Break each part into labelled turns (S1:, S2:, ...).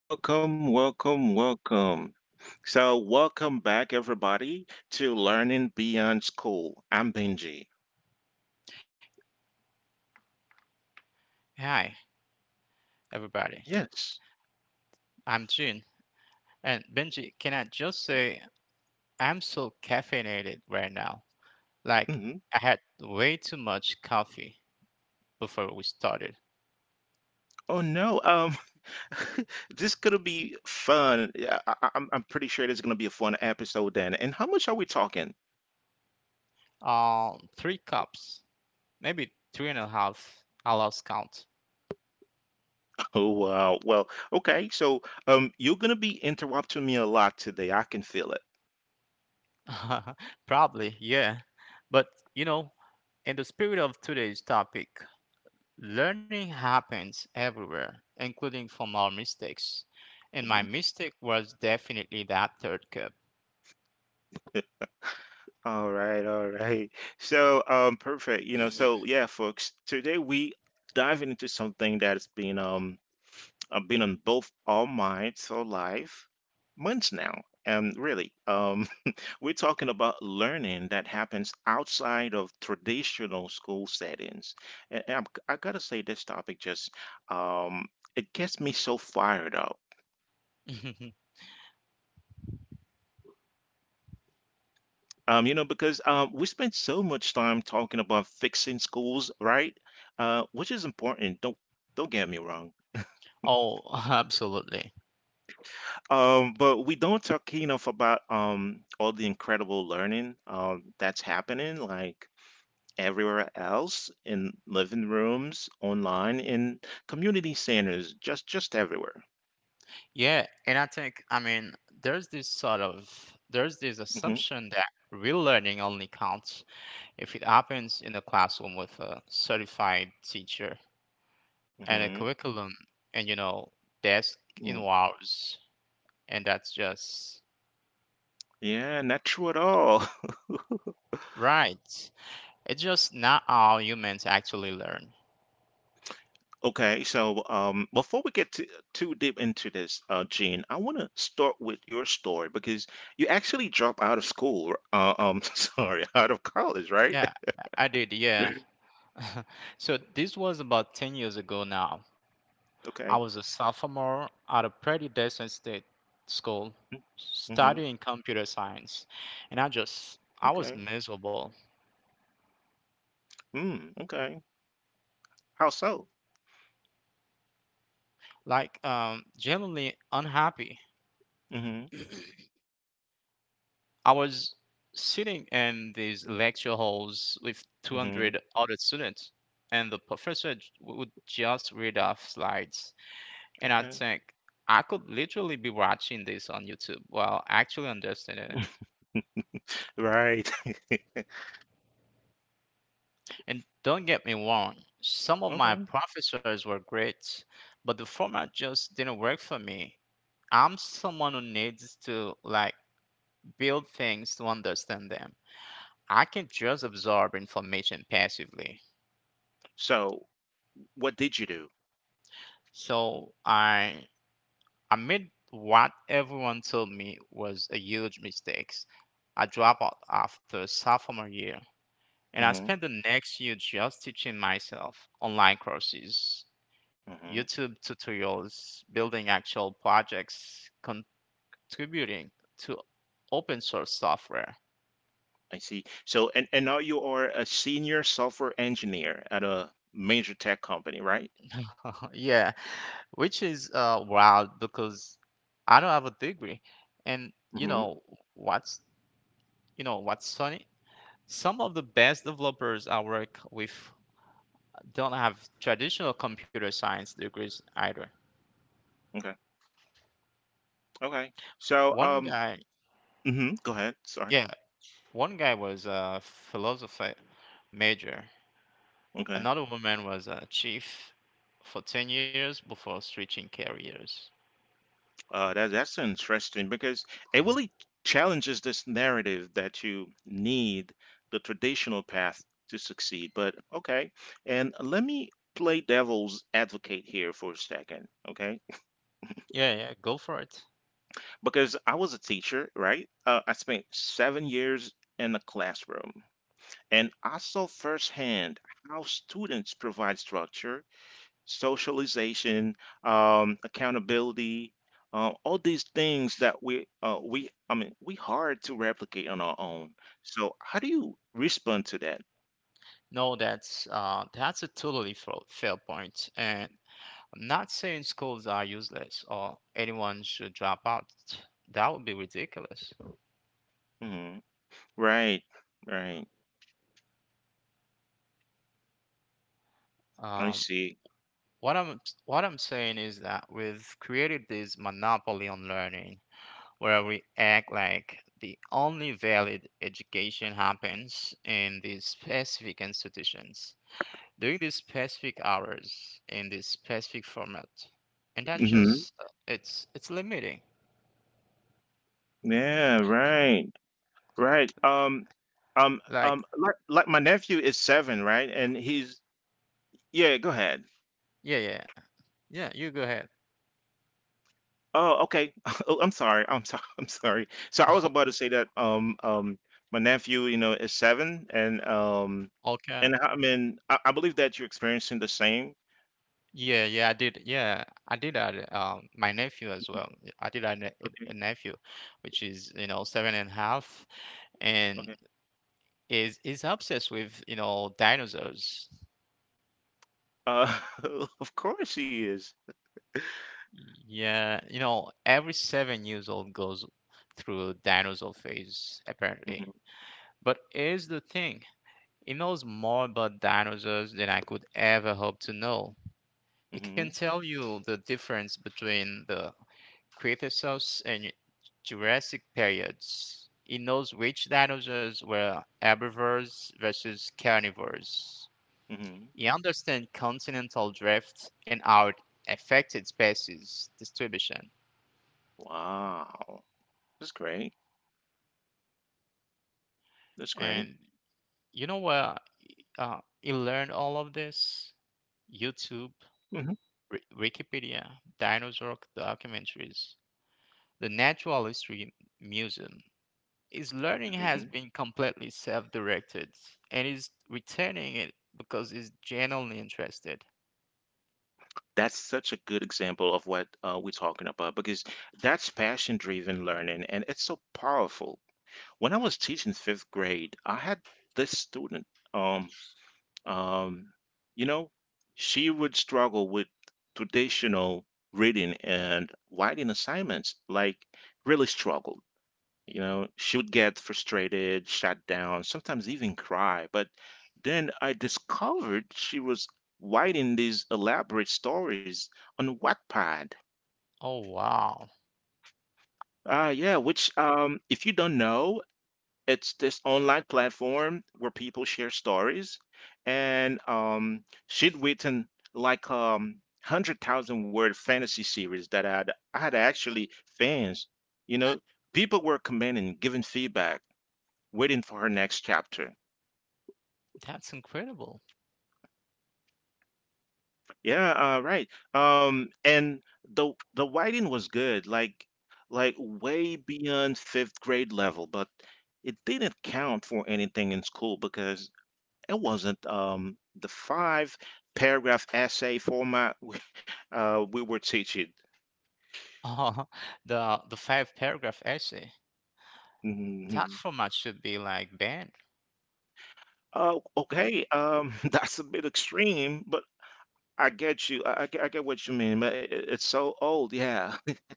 S1: Welcome, welcome, welcome. So, welcome back, everybody, to Learning Beyond School. I'm Benji.
S2: Hi, everybody.
S1: Yes.
S2: I'm Jun. And Benji, can I just say I'm so caffeinated right now? Like,
S1: Hmm.
S2: I had way too much coffee before we started.
S1: Oh no. This gonna be fun. Yeah, I'm pretty sure this is gonna be a fun episode then. And how much are we talking?
S2: Three cups, maybe three and a half. I lost count.
S1: Oh wow. Well, okay. So, you're gonna be interrupting me a lot today. I can feel it.
S2: Probably, yeah. But, you know, in the spirit of today's topic, learning happens everywhere, including from our mistakes. And
S1: Mhm.
S2: my mistake was definitely that third cup.
S1: All right, all right. So, perfect. You know, so yeah, folks, today we dive into something that's been on both our minds for life months now. Really. We're talking about learning that happens outside of traditional school settings. And I gotta say, this topic just um, it gets me so fired up. You know, because we spend so much time talking about fixing schools, right? Which is important. Don't get me wrong.
S2: Oh, absolutely.
S1: But we don't talk enough about all the incredible learning that's happening. Like everywhere else in living rooms, online, in community centers, just everywhere.
S2: Yeah, and I think there's this sort of there's this
S1: Hmm.
S2: assumption that real learning only counts if it happens in a classroom with a certified teacher and a
S1: Hmm.
S2: curriculum and you know desk in
S1: Mm.
S2: hours and that's just
S1: Yeah, not true at all.
S2: right. It's just not how humans actually learn.
S1: Okay, so before we get too deep into this, Gene, I want to start with your story because you actually dropped out of school. Sorry, out of college, right?
S2: Yeah, I did. Yeah. So this was about 10 years ago now. I
S1: Okay.
S2: was a sophomore at a pretty decent state school
S1: Mm-hmm. Mm-hmm.
S2: studying computer science, and I just
S1: Okay.
S2: I was miserable,
S1: Mm, okay. How so?
S2: like genuinely unhappy.
S1: Mm-hmm.
S2: I was sitting in these lecture halls with
S1: Mm-hmm.
S2: 200 other students, and the professor would just read off slides, and I
S1: Okay.
S2: think I could literally be watching this on YouTube while actually understanding it.
S1: Right.
S2: And don't get me wrong, some of my
S1: Okay.
S2: professors were great, but the format just didn't work for me. I'm someone who needs to build things to understand them. I can't just absorb information passively.
S1: So what did you do?
S2: So I made what everyone told me was a huge mistake. I dropped out after sophomore year, and I
S1: Hmm.
S2: spent the next year just teaching myself online courses,
S1: Hmm.
S2: YouTube tutorials, building actual projects, contributing to open source software.
S1: I see. So and now you are a senior software engineer at a major tech company, right?
S2: Yeah, which is wild because I don't have a degree. And
S1: Hmm.
S2: what's you know what's funny? Some of the best developers I work with don't have traditional computer science degrees either.
S1: Okay. Okay. So,
S2: One guy,
S1: mhm, go ahead. Sorry.
S2: yeah, one guy was a philosophy major.
S1: Okay.
S2: Another woman was a chief for 10 years before switching careers.
S1: That's interesting because it really challenges this narrative that you need the traditional path to succeed. But okay. And let me play devil's advocate here for a second. Okay.
S2: Yeah, yeah, go for it.
S1: Because I was a teacher, right? I spent 7 years in the classroom, and I saw firsthand how students provide structure, socialization, accountability, all these things that we I mean we hard to replicate on our own. So how do you respond to that?
S2: No, that's a totally fair point. And I'm not saying schools are useless or anyone should drop out. That would be ridiculous.
S1: Hmm. Right, right. I
S2: Um,
S1: see.
S2: what I'm saying is that we've created this monopoly on learning, where we act like the only valid education happens in these specific institutions during these specific hours in this specific format, and that
S1: Hmm.
S2: just it's limiting
S1: Yeah, right. Right.
S2: like
S1: Like my nephew is 7, right? And he's, yeah, go ahead.
S2: yeah yeah yeah you go ahead.
S1: Oh, okay. Oh, I'm sorry. I'm sorry. I'm sorry. So I was about to say that, my nephew, you know, is 7 and, um,
S2: Okay,
S1: and I mean, I believe that you're experiencing the same.
S2: yeah I did yeah I did that my nephew as
S1: Mhm.
S2: well I did that
S1: Okay.
S2: a nephew, which is you know seven and a half, and
S1: Okay.
S2: is obsessed with you know dinosaurs.
S1: Uh, of course he is.
S2: Yeah, you know every 7 years old goes through dinosaur phase apparently.
S1: Hmm.
S2: But here's the thing. It knows more about dinosaurs than I could ever hope to know. It can
S1: Hmm.
S2: tell you the difference between the Cretaceous and Jurassic periods. It knows which dinosaurs were herbivores versus carnivores.
S1: Hmm.
S2: It understands continental drift and how it affected species distribution.
S1: Wow. That's great. That's great.
S2: And you know where it learned all of this? YouTube.
S1: Mm-hmm.
S2: Wikipedia, dinosaur documentaries, the Natural History Museum. His learning
S1: Hmm.
S2: has been completely self-directed, and he's returning it because he's genuinely interested.
S1: That's such a good example of what we're talking about because that's passion driven learning and it's so powerful. When I was teaching fifth grade, I had this student, um, um, you know, she would struggle with traditional reading and writing assignments, like really struggled. You know, she would get frustrated, shut down, sometimes even cry. But then I discovered she was writing these elaborate stories on Wattpad.
S2: Oh wow,
S1: Yeah, which, if you don't know, it's this online platform where people share stories. And she'd written like 100,000 word fantasy series that I had actually fans. You know, people were commenting, giving feedback waiting for her next chapter.
S2: that's incredible!
S1: Yeah, right. And the writing was good, like way beyond fifth grade level, but it didn't count for anything in school because it wasn't the five paragraph essay format we were teaching.
S2: The five-paragraph essay. That
S1: Mhm.
S2: format should be like banned.
S1: Oh, okay. That's a bit extreme, but I get you. I get what you mean, but it's so old, yeah.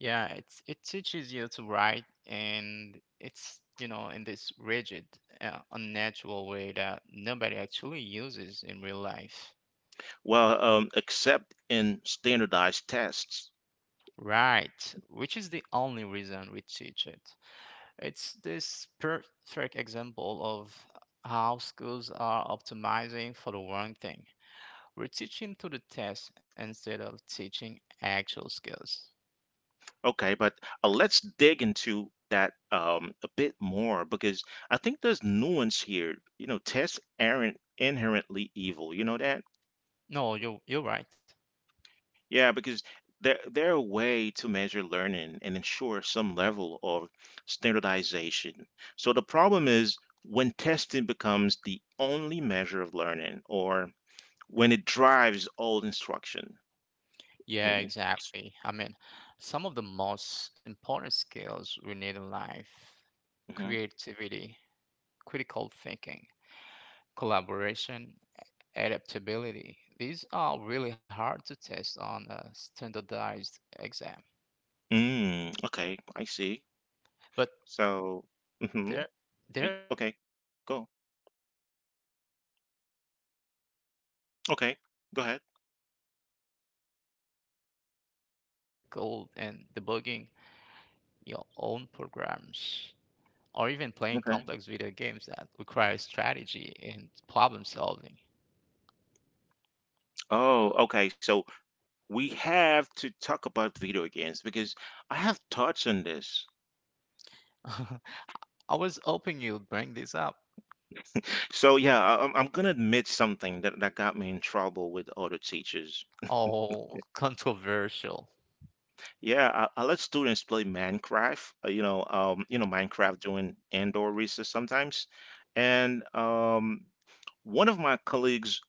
S2: Yeah, it's it teaches you to write, and it's you know in this rigid, unnatural way that nobody actually uses in real life.
S1: Well, except in standardized tests.
S2: Right, which is the only reason we teach it. It's this perfect example of how schools are optimizing for the wrong thing. We're teaching to the test instead of teaching actual skills.
S1: Okay, but let's dig into that a bit more because I think there's nuance here. You know, tests aren't inherently evil. You know that?
S2: No, you're right.
S1: Yeah, because they're a way to measure learning and ensure some level of standardization. So the problem is when testing becomes the only measure of learning or when it drives all instruction.
S2: Yeah,
S1: Hmm.
S2: exactly. Some of the most important skills we need in life,
S1: Hmm.
S2: creativity, critical thinking, collaboration, adaptability. These are really hard to test on a standardized exam.
S1: Mm, okay, I see.
S2: But
S1: So, mhm.
S2: there,
S1: Wait,
S2: there are
S1: okay,
S2: skills you
S1: go.
S2: can develop through doing a group project with
S1: Okay,
S2: friends
S1: go ahead.
S2: or learning to code and debugging your own programs, or even playing complex video games that require
S1: Okay.
S2: strategy and problem solving.
S1: Oh, okay. So we have to talk about video games because I have thoughts on this.
S2: I was hoping you'd bring this up.
S1: So yeah, I'm gonna admit something that got me in trouble with other teachers.
S2: Oh, controversial.
S1: Yeah, I let students play Minecraft. You know, Minecraft during indoor recess sometimes, and one of my colleagues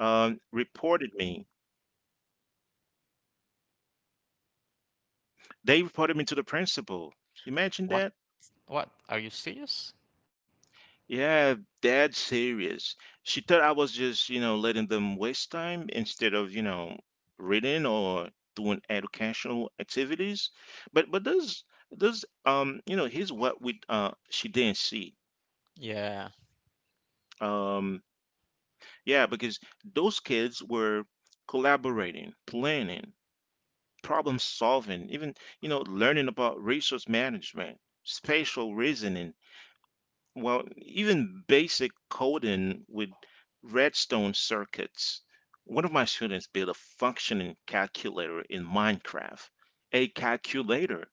S1: reported me. They reported me to the principal. Imagine
S2: What?
S1: that.
S2: What? Are you serious?
S1: Yeah, that's serious. She thought I was just, you know, letting them waste time instead of, you know, reading or doing educational activities. But here's what we she didn't see.
S2: Yeah,
S1: Um, yeah, because those kids were collaborating, planning, problem solving, learning about resource management, spatial reasoning. Well, even basic coding with redstone circuits. One of my students built a functioning calculator in Minecraft, a calculator,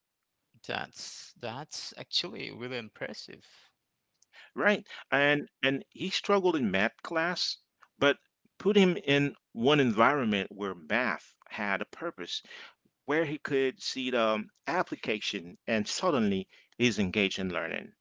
S2: that's actually really impressive.
S1: right? And he struggled in math class, but put him in one environment where math had a purpose, where he could see the application, and suddenly he's engaged in learning.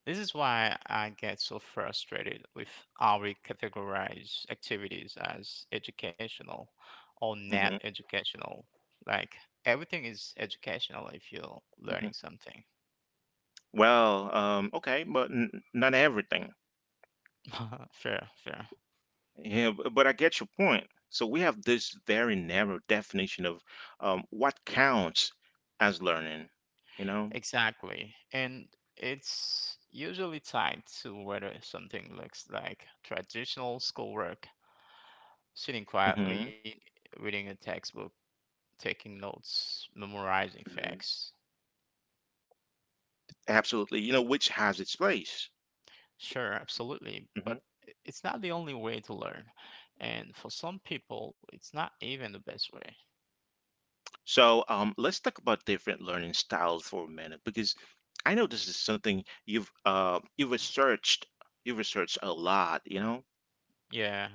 S2: This is why I get so frustrated with how we categorize activities as educational or not
S1: Hmm.
S2: educational. Like, everything is educational if you're
S1: Hmm.
S2: learning something.
S1: Well, okay, but not everything.
S2: Fair.
S1: Yeah, but I get your point. So we have this very narrow definition of what counts as learning, you know?
S2: Exactly. And it's usually tied to whether something looks like traditional schoolwork, sitting
S1: Hmm.
S2: quietly, reading a textbook, taking notes, memorizing
S1: Hmm.
S2: facts.
S1: Absolutely. You know, which has its place.
S2: Sure, absolutely. But
S1: Hmm.
S2: it's not the only way to learn. And for some people, it's not even the best way.
S1: So let's talk about different learning styles for a minute because I know this is something you've researched a lot, you know?
S2: Yeah.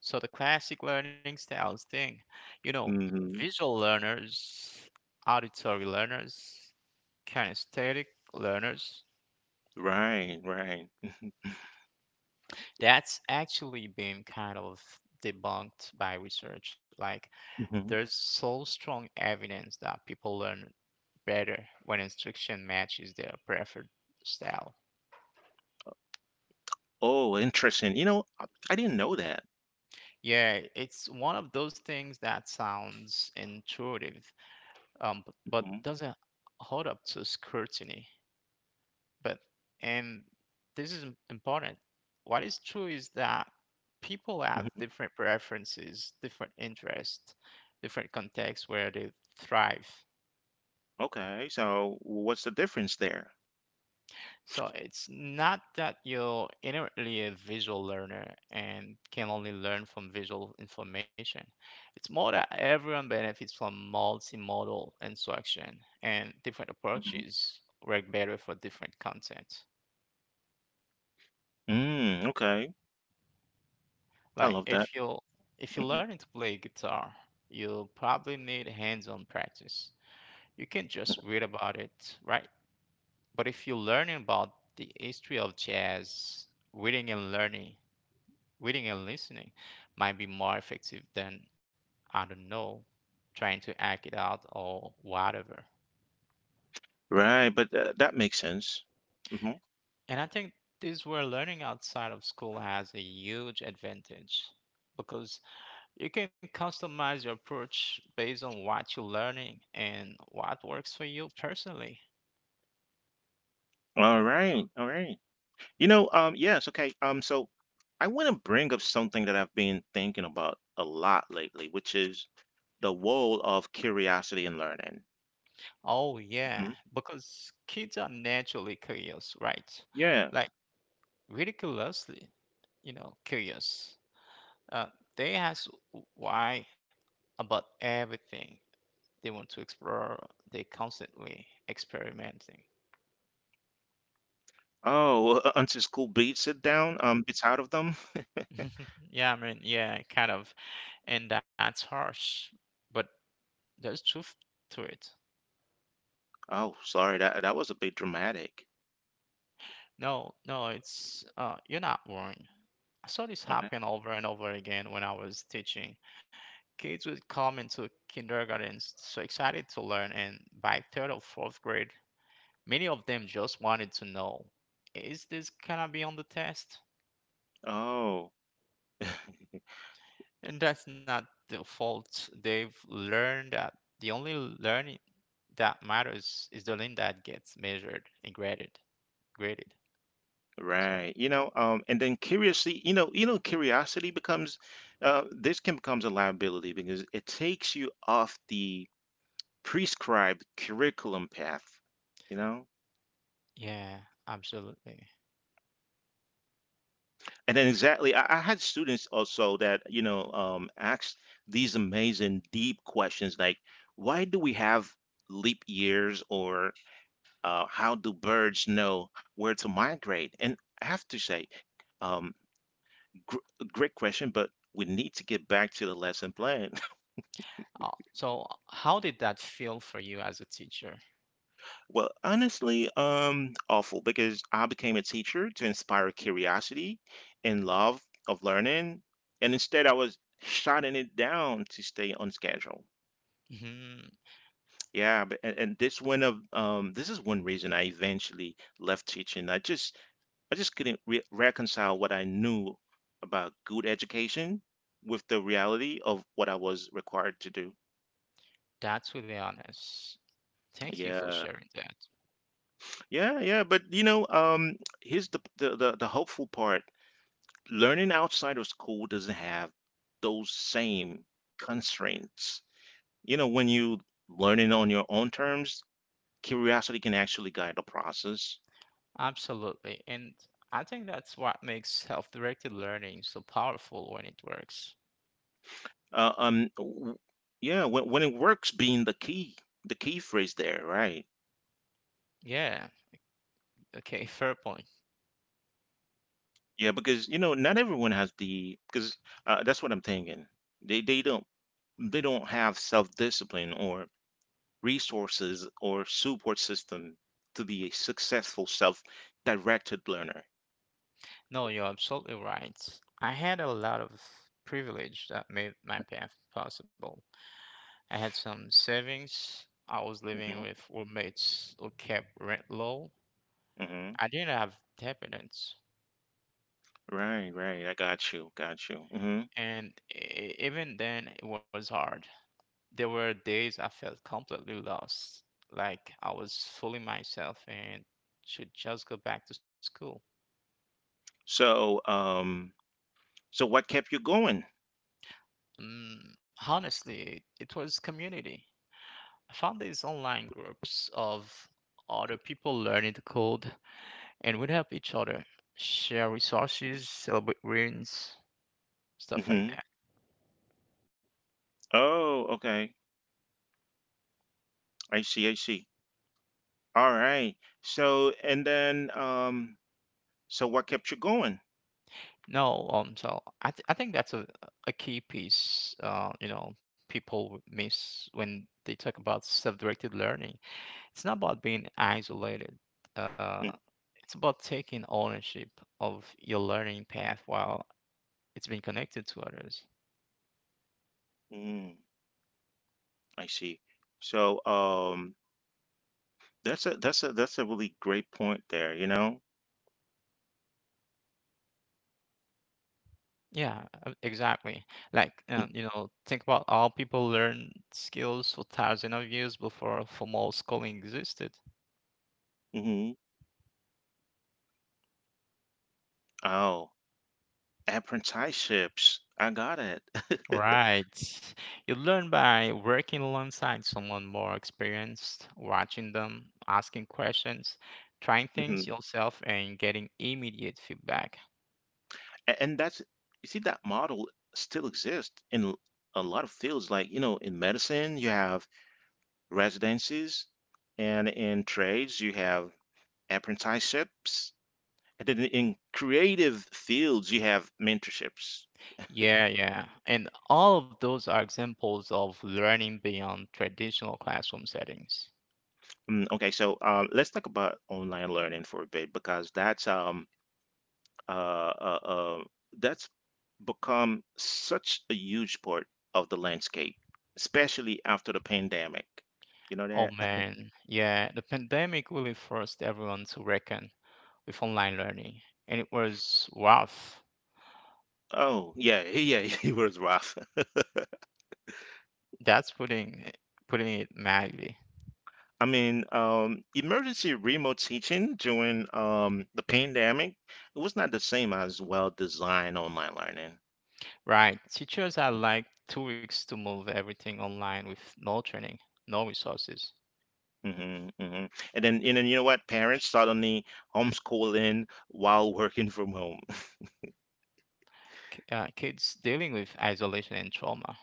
S2: So the classic learning styles thing, you know,
S1: Hmm.
S2: visual learners, auditory learners, kinesthetic learners.
S1: Right, right.
S2: That's actually been kind of debunked by research. Like, there's
S1: Hmm.
S2: so strong evidence that people learn better when instruction matches their preferred style.
S1: Oh, interesting. You know, I didn't know that.
S2: Yeah, it's one of those things that sounds intuitive, but
S1: Hmm.
S2: doesn't hold up to scrutiny. But, and this is important, what is true is that people have different preferences, different interests, different contexts where they thrive.
S1: Okay, so what's the difference there?
S2: So it's not that you're inherently a visual learner and can only learn from visual information. It's more that everyone benefits from multimodal instruction, and different
S1: Mhm.
S2: approaches work better for different content.
S1: Mm, okay, I
S2: Like
S1: love that.
S2: if you if you're
S1: Hmm.
S2: learning to play guitar, you'll probably need hands-on practice. You can't just read about it, right? But if you're learning about the history of jazz, reading and learning, reading and listening might be more effective than, I don't know, trying to act it out or whatever.
S1: Right, but that makes sense. Mhm.
S2: And I think this where learning outside of school has a huge advantage, because you can customize your approach based on what you're learning and what works for you personally.
S1: All right, all right. You know, yes, okay. So I want to bring up something that I've been thinking about a lot lately, which is the role of curiosity in learning.
S2: Oh, yeah,
S1: Mhm.
S2: because kids are naturally curious, right?
S1: Yeah.
S2: Like, ridiculously, you know, curious. Uh, they ask why about everything. They want to explore, they constantly experimenting.
S1: Oh, until school beats it down, beats out of them.
S2: Yeah, yeah, kind of. And that's harsh, but there's truth to it.
S1: Oh, sorry, that was a bit dramatic.
S2: No, no, it's you're not wrong. I saw this
S1: Okay.
S2: happen over and over again when I was teaching. Kids would come into kindergarten so excited to learn, and by third or fourth grade, many of them just wanted to know, is this gonna be on the test?
S1: Oh.
S2: And that's not their fault. They've learned that the only learning that matters is the learning that gets measured and graded.
S1: Right.
S2: Sorry.
S1: You know, and then curiously, you know, curiosity becomes this can becomes a liability because it takes you off the prescribed curriculum path, you know?
S2: Yeah, absolutely.
S1: And then exactly I had students also that asked these amazing deep questions like why do we have leap years or how do birds know where to migrate? And I have to say, um Gr- great question, but we need to get back to the lesson plan.
S2: Oh, so how did that feel for you as a teacher?
S1: Well, honestly, awful because I became a teacher to inspire curiosity and love of learning, and instead I was shutting it down to stay on schedule.
S2: Mhm.
S1: Yeah, but, and this is one reason I eventually left teaching. I just couldn't reconcile what I knew about good education with the reality of what I was required to do.
S2: That's really honest. Thank you for
S1: Yeah.
S2: sharing that.
S1: Yeah, yeah, but you know, here's the hopeful part. Learning outside of school doesn't have those same constraints. You know, when you learning on your own terms, curiosity can actually guide the process.
S2: Absolutely. And I think that's what makes self-directed learning so powerful when it works.
S1: Uh, um, w- yeah, when it works, being the key phrase there, right?
S2: Yeah, okay, fair point.
S1: Yeah, because you know, not everyone has the because that's what I'm thinking. They don't have self discipline or resources, or support system to be a successful self-directed learner.
S2: No, you're absolutely right. I had a lot of privilege that made my path possible. I had some savings. I was living
S1: Hmm.
S2: with roommates who kept rent low.
S1: Hmm.
S2: I didn't have dependents.
S1: Right, right. I got you, got you. Hmm.
S2: And even then it was hard. There were days I felt completely lost, like I was fully myself and should just go back to school.
S1: So, um, so, what kept you going?
S2: Mm, honestly it was community. I found these online groups of other people learning to code, and would help each other, share resources, celebrate wins, stuff like
S1: Hmm.
S2: that.
S1: Oh, okay. I see, I see. All right. So, and then, so what kept you going?
S2: No, so I think that's a key piece. You know, people miss when they talk about self-directed learning. It's not about being isolated. Uh, it's about taking ownership of your learning path while it's being connected to others.
S1: Mm-hmm. I see. So, that's a really great point there, you know?
S2: Yeah, exactly. Like, you know, think about all people learned skills for thousands of years before formal schooling existed.
S1: Hmm. Oh, apprenticeships. I got it.
S2: Right. You learn by working alongside someone more experienced, watching them, asking questions, trying things
S1: Mhm.
S2: yourself, and getting immediate feedback.
S1: And that's, you see, that model still exists in a lot of fields. Like, you know, in medicine, you have residencies, and in trades, you have apprenticeships. And then in creative fields, you have mentorships.
S2: Yeah, yeah. And all of those are examples of learning beyond traditional classroom settings.
S1: Mm, okay, so let's talk about online learning for a bit because uh, uh, uh, that's become such a huge part of the landscape, especially after the pandemic. You know
S2: Oh
S1: that?
S2: man, yeah, the pandemic really forced everyone to reckon with online learning, and it was rough.
S1: Oh, yeah, yeah, it was rough.
S2: That's putting it mildly.
S1: I mean, emergency remote teaching during the pandemic, it was not the same as well-designed online learning.
S2: Right, teachers had like 2 weeks to move everything online with no training, no resources.
S1: Hmm. Hmm. And then, you know what? Parents suddenly homeschooling while working from home.
S2: Kids dealing with isolation and trauma.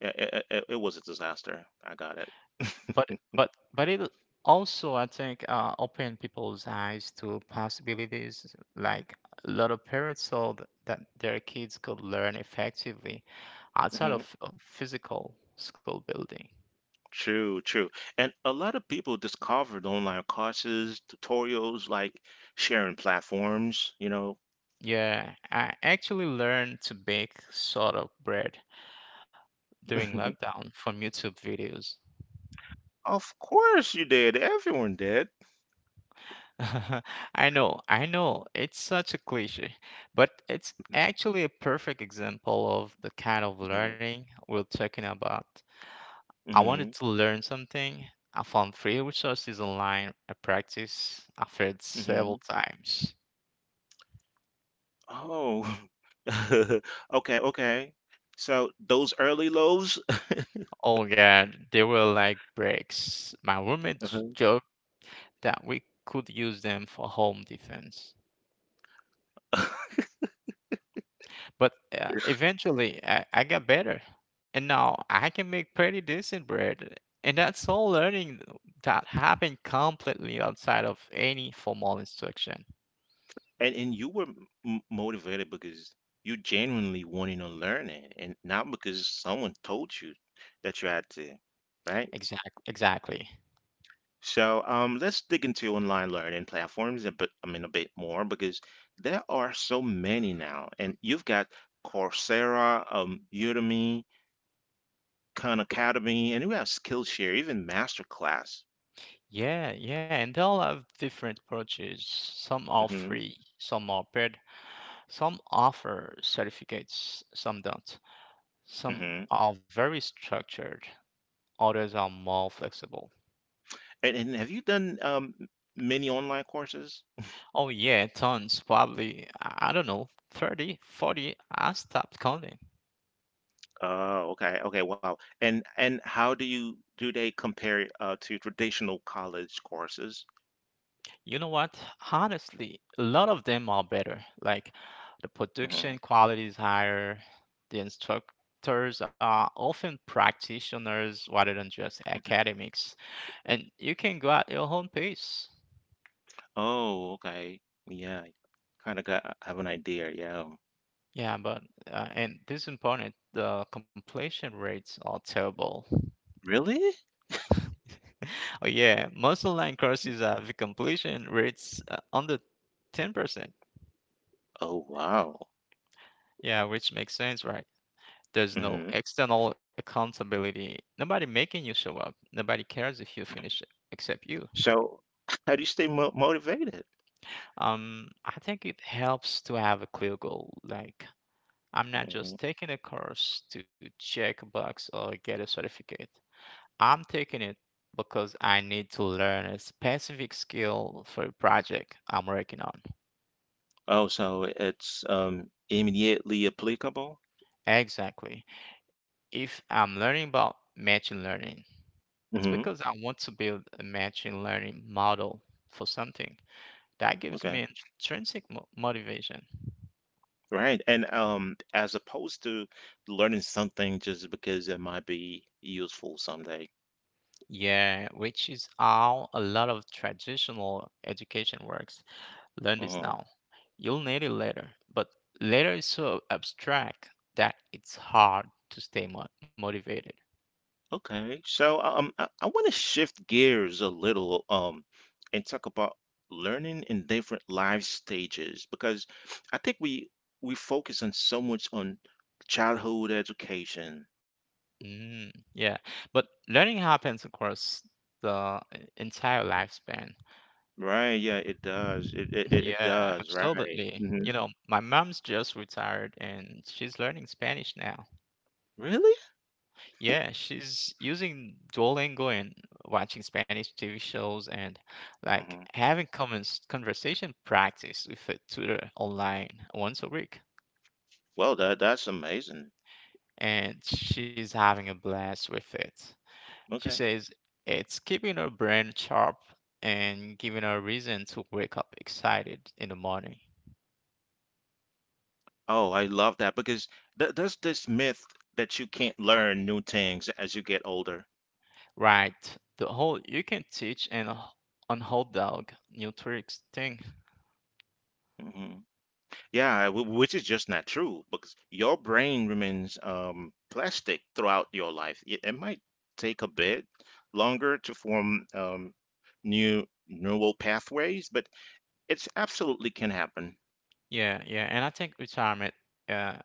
S1: It was a disaster. I got it.
S2: But it also I think open people's eyes to possibilities, like a lot of parents saw that their kids could learn effectively outside
S1: Hmm.
S2: of physical school building.
S1: True, true. And a lot of people discovered online courses, tutorials, like sharing platforms, you know.
S2: Yeah, I actually learned to bake sort of bread during lockdown from YouTube videos.
S1: Of course you did. Everyone did.
S2: I know, I know it's such a cliche, but it's actually a perfect example of the kind of
S1: Hmm.
S2: learning we're talking about. I wanted
S1: Hmm.
S2: to learn something. I found free resources online. I practiced. I failed
S1: Hmm.
S2: several times.
S1: Oh. Okay, okay. So those early lows,
S2: Oh god, they were like bricks. My roommate
S1: Mhm.
S2: joked that we could use them for home defense. But eventually, I got better, and now I can make pretty decent bread. And that's all learning that happened completely outside of any formal instruction.
S1: And you were m motivated because you genuinely wanted to learn it, and not because someone told you that you had to, right?
S2: Exactly.
S1: So let's dig into online learning platforms a bit, I mean, a bit more because there are so many now, and you've got Coursera, Udemy, Khan Academy, and you have Skillshare, even MasterClass.
S2: Yeah, yeah, and they'll have different approaches. Some are
S1: hmm
S2: free, some are paid, some offer certificates, some don't. Some
S1: hmm
S2: are very structured, others are more flexible.
S1: and have you done many online courses?
S2: Oh, yeah, tons, probably, I don't know, 30, 40. I stopped counting.
S1: Oh, okay, okay, wow. And how do you do they compare to traditional college courses?
S2: You know what? Honestly, a lot of them are better. Like, the production
S1: hmm
S2: quality is higher, the instructors are often practitioners rather than just academics, and you can go at your own pace.
S1: Oh, okay. Yeah, kind of got have an idea. Yeah.
S2: Yeah, but and this is important, the completion rates are terrible.
S1: Really?
S2: Oh yeah, most online courses have completion rates under 10%.
S1: Oh, wow.
S2: Yeah, which makes sense, right? There's no
S1: Mhm.
S2: external accountability. Nobody making you show up. Nobody cares if you finish it except you.
S1: So how do you stay mo motivated?
S2: I think it helps to have a clear goal. Like, I'm not
S1: Mhm.
S2: just taking a course to check a box or get a certificate. I'm taking it because I need to learn a specific skill for a project I'm working on.
S1: Oh, so it's immediately applicable?
S2: Exactly. If I'm learning about machine learning, it's
S1: hmm
S2: because I want to build a machine learning model for something. That gives
S1: Okay.
S2: me intrinsic motivation.
S1: Right. And as opposed to learning something just because it might be useful someday.
S2: Yeah, which is how a lot of traditional education works. Learn this
S1: Mm-hmm.
S2: now. You'll need it later, but later is so abstract that it's hard to stay motivated.
S1: Okay, so I want to shift gears a little and talk about learning in different life stages because I think we focus on so much on childhood education,
S2: Mm, yeah, but learning happens across the entire lifespan.
S1: right? Yeah, it does. It it, it it
S2: Yeah,
S1: does, right?
S2: absolutely. You know, my mom's just retired and she's learning Spanish now.
S1: Really?
S2: Yeah, she's using Duolingo and watching Spanish TV shows and like
S1: hmm
S2: having comments conversation practice with a tutor online once a week.
S1: Well, that's amazing.
S2: And she's having a blast with it. She
S1: Okay.
S2: says it's keeping her brain sharp and giving her a reason to wake up excited in the morning.
S1: Oh, I love that because th there's this myth that you can't learn new things as you get older.
S2: Right. The whole you can teach and on hot dog new tricks thing.
S1: Mm-hmm. Yeah, which is just not true because your brain remains plastic throughout your life. It might take a bit longer to form new neural pathways, but it's absolutely can happen.
S2: Yeah, yeah. And I think retirement uh,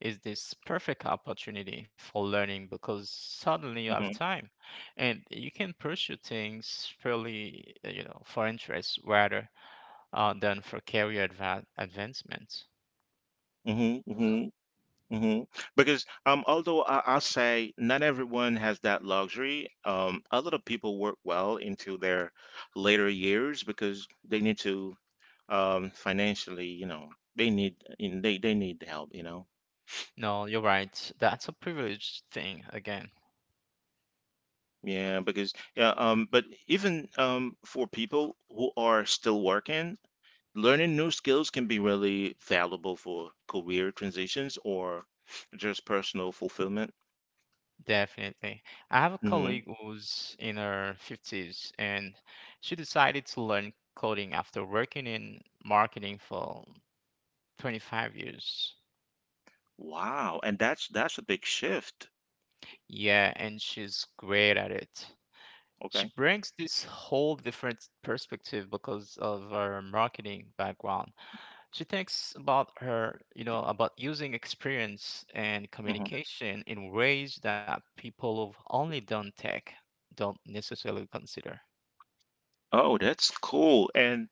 S2: is this perfect opportunity for learning because suddenly you have
S1: hmm
S2: time and you can pursue things fairly you know for interest rather than for career advancement.
S1: hmm hmm hmm Because although I'll say not everyone has that luxury, a lot of people work well into their later years because they need to financially, you know, they need and they need help, you know.
S2: No, you're right, that's a privileged thing again.
S1: Yeah, because yeah, but even for people who are still working, learning new skills can be really valuable for career transitions or just personal fulfillment.
S2: Definitely. I have a
S1: hmm
S2: colleague who's in her 50s, and she decided to learn coding after working in marketing for 25 years.
S1: Wow, and that's a big shift.
S2: Yeah, and she's great at it. She
S1: Okay.
S2: brings this whole different perspective because of her marketing background. She thinks about her, you know, about using experience and
S1: hmm
S2: communication in ways that people who've only done tech don't necessarily consider.
S1: Oh, that's cool. And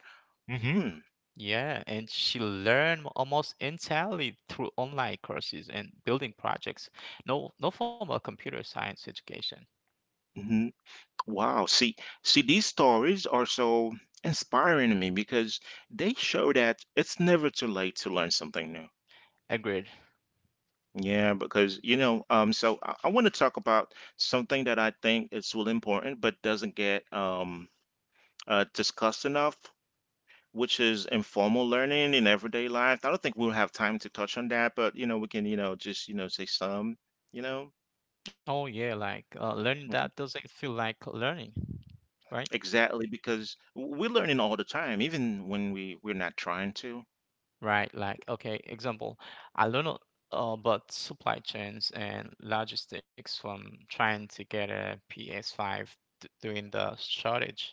S1: hmm
S2: Yeah, and she learned almost entirely through online courses and building projects. No, no formal computer science education.
S1: hmm Wow. See, these stories are so inspiring to me because they show that it's never too late to learn something new.
S2: Agreed.
S1: Yeah, because you know, so I want to talk about something that I think is really important but doesn't get discussed enough, which is informal learning in everyday life. I don't think we'll have time to touch on that, but you know, we can, you know, just, you know, say some, you know.
S2: Oh yeah, like learning
S1: Mhm.
S2: that doesn't feel like learning, right?
S1: Exactly, because we're learning all the time, even when we're not trying to.
S2: Right. Like okay, example, I learned a- about supply chains and logistics from trying to get a PS5 during the shortage.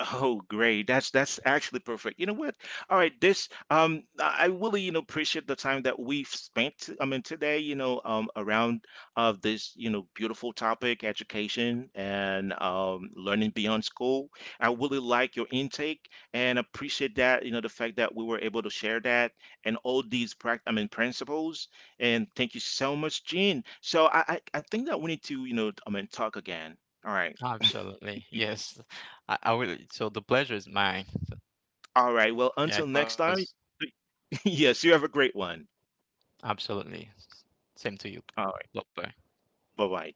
S1: Oh, great. That's actually perfect. You know what? All right, this um, I really, you know, appreciate the time that we've spent, I mean, today, you know, around of this, you know, beautiful topic, education and learning beyond school. I really like your intake and appreciate that, you know, the fact that we were able to share that and all these prac I mean principles. And thank you so much, Gene. So I think that we need to, you know, I mean talk again. All right.
S2: Absolutely. Yes. I will. So the pleasure is mine.
S1: All right. Well,
S2: Yeah,
S1: until
S2: it
S1: next
S2: was
S1: time. Yes, you have a great one.
S2: absolutely. Same to you.
S1: All right.
S2: Bye bye.
S1: Bye bye.